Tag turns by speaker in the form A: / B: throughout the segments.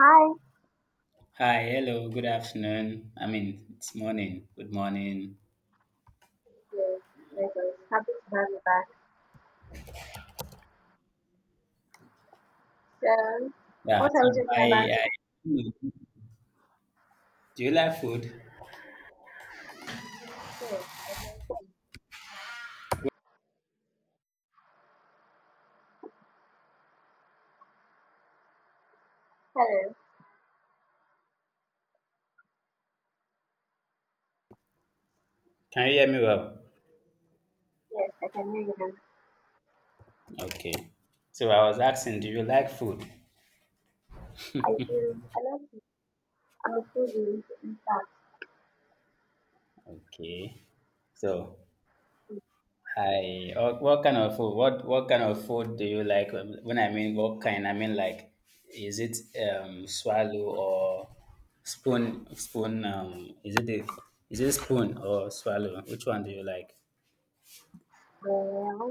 A: Hi.
B: Hi, hello, good afternoon. I mean, it's morning. Good morning.
A: Yes, my girl. Happy to have you back. So,
B: Yeah,
A: what
B: so
A: are we talking
B: I,
A: about
B: I
A: today?
B: do you like food?
A: Yes, I love- Hello.
B: Can you hear me well?
A: Yes, I can hear you now.
B: Okay. So I was asking, do you like food?
A: I do. I love you. I'm a foodie, in fact.
B: Okay. So I what kind of food? What kind of food do you like? When I mean what kind, I mean like is it swallow or spoon is it the, is it spoon or swallow? Which one do you like?
A: Well,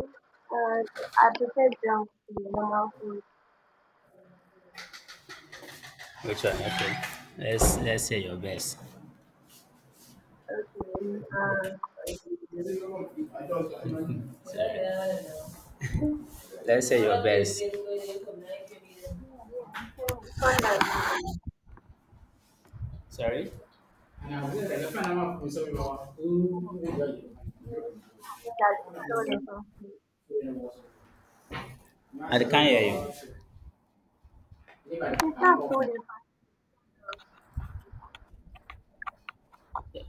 A: uh, I prefer junk to normal food.
B: Which one? Okay. Let's say your best.
A: Okay. Uh,
B: Sorry. Let's say your best.
A: yeah, yeah, I'm saying condoms.
B: Sorry.
A: It is that it's sold in
B: I can't hear you.
A: It is not sold in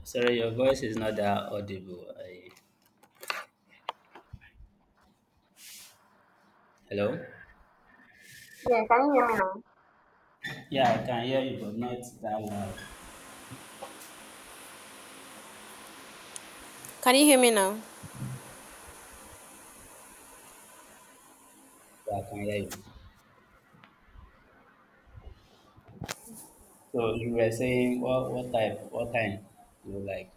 B: Sorry, your voice is not that audible. I- hello.
A: Yeah, can you hear me now?
B: Yeah, I can hear you, but not that loud.
A: Can you hear me now?
B: Yeah, I can hear you. So you were saying what type what time do you like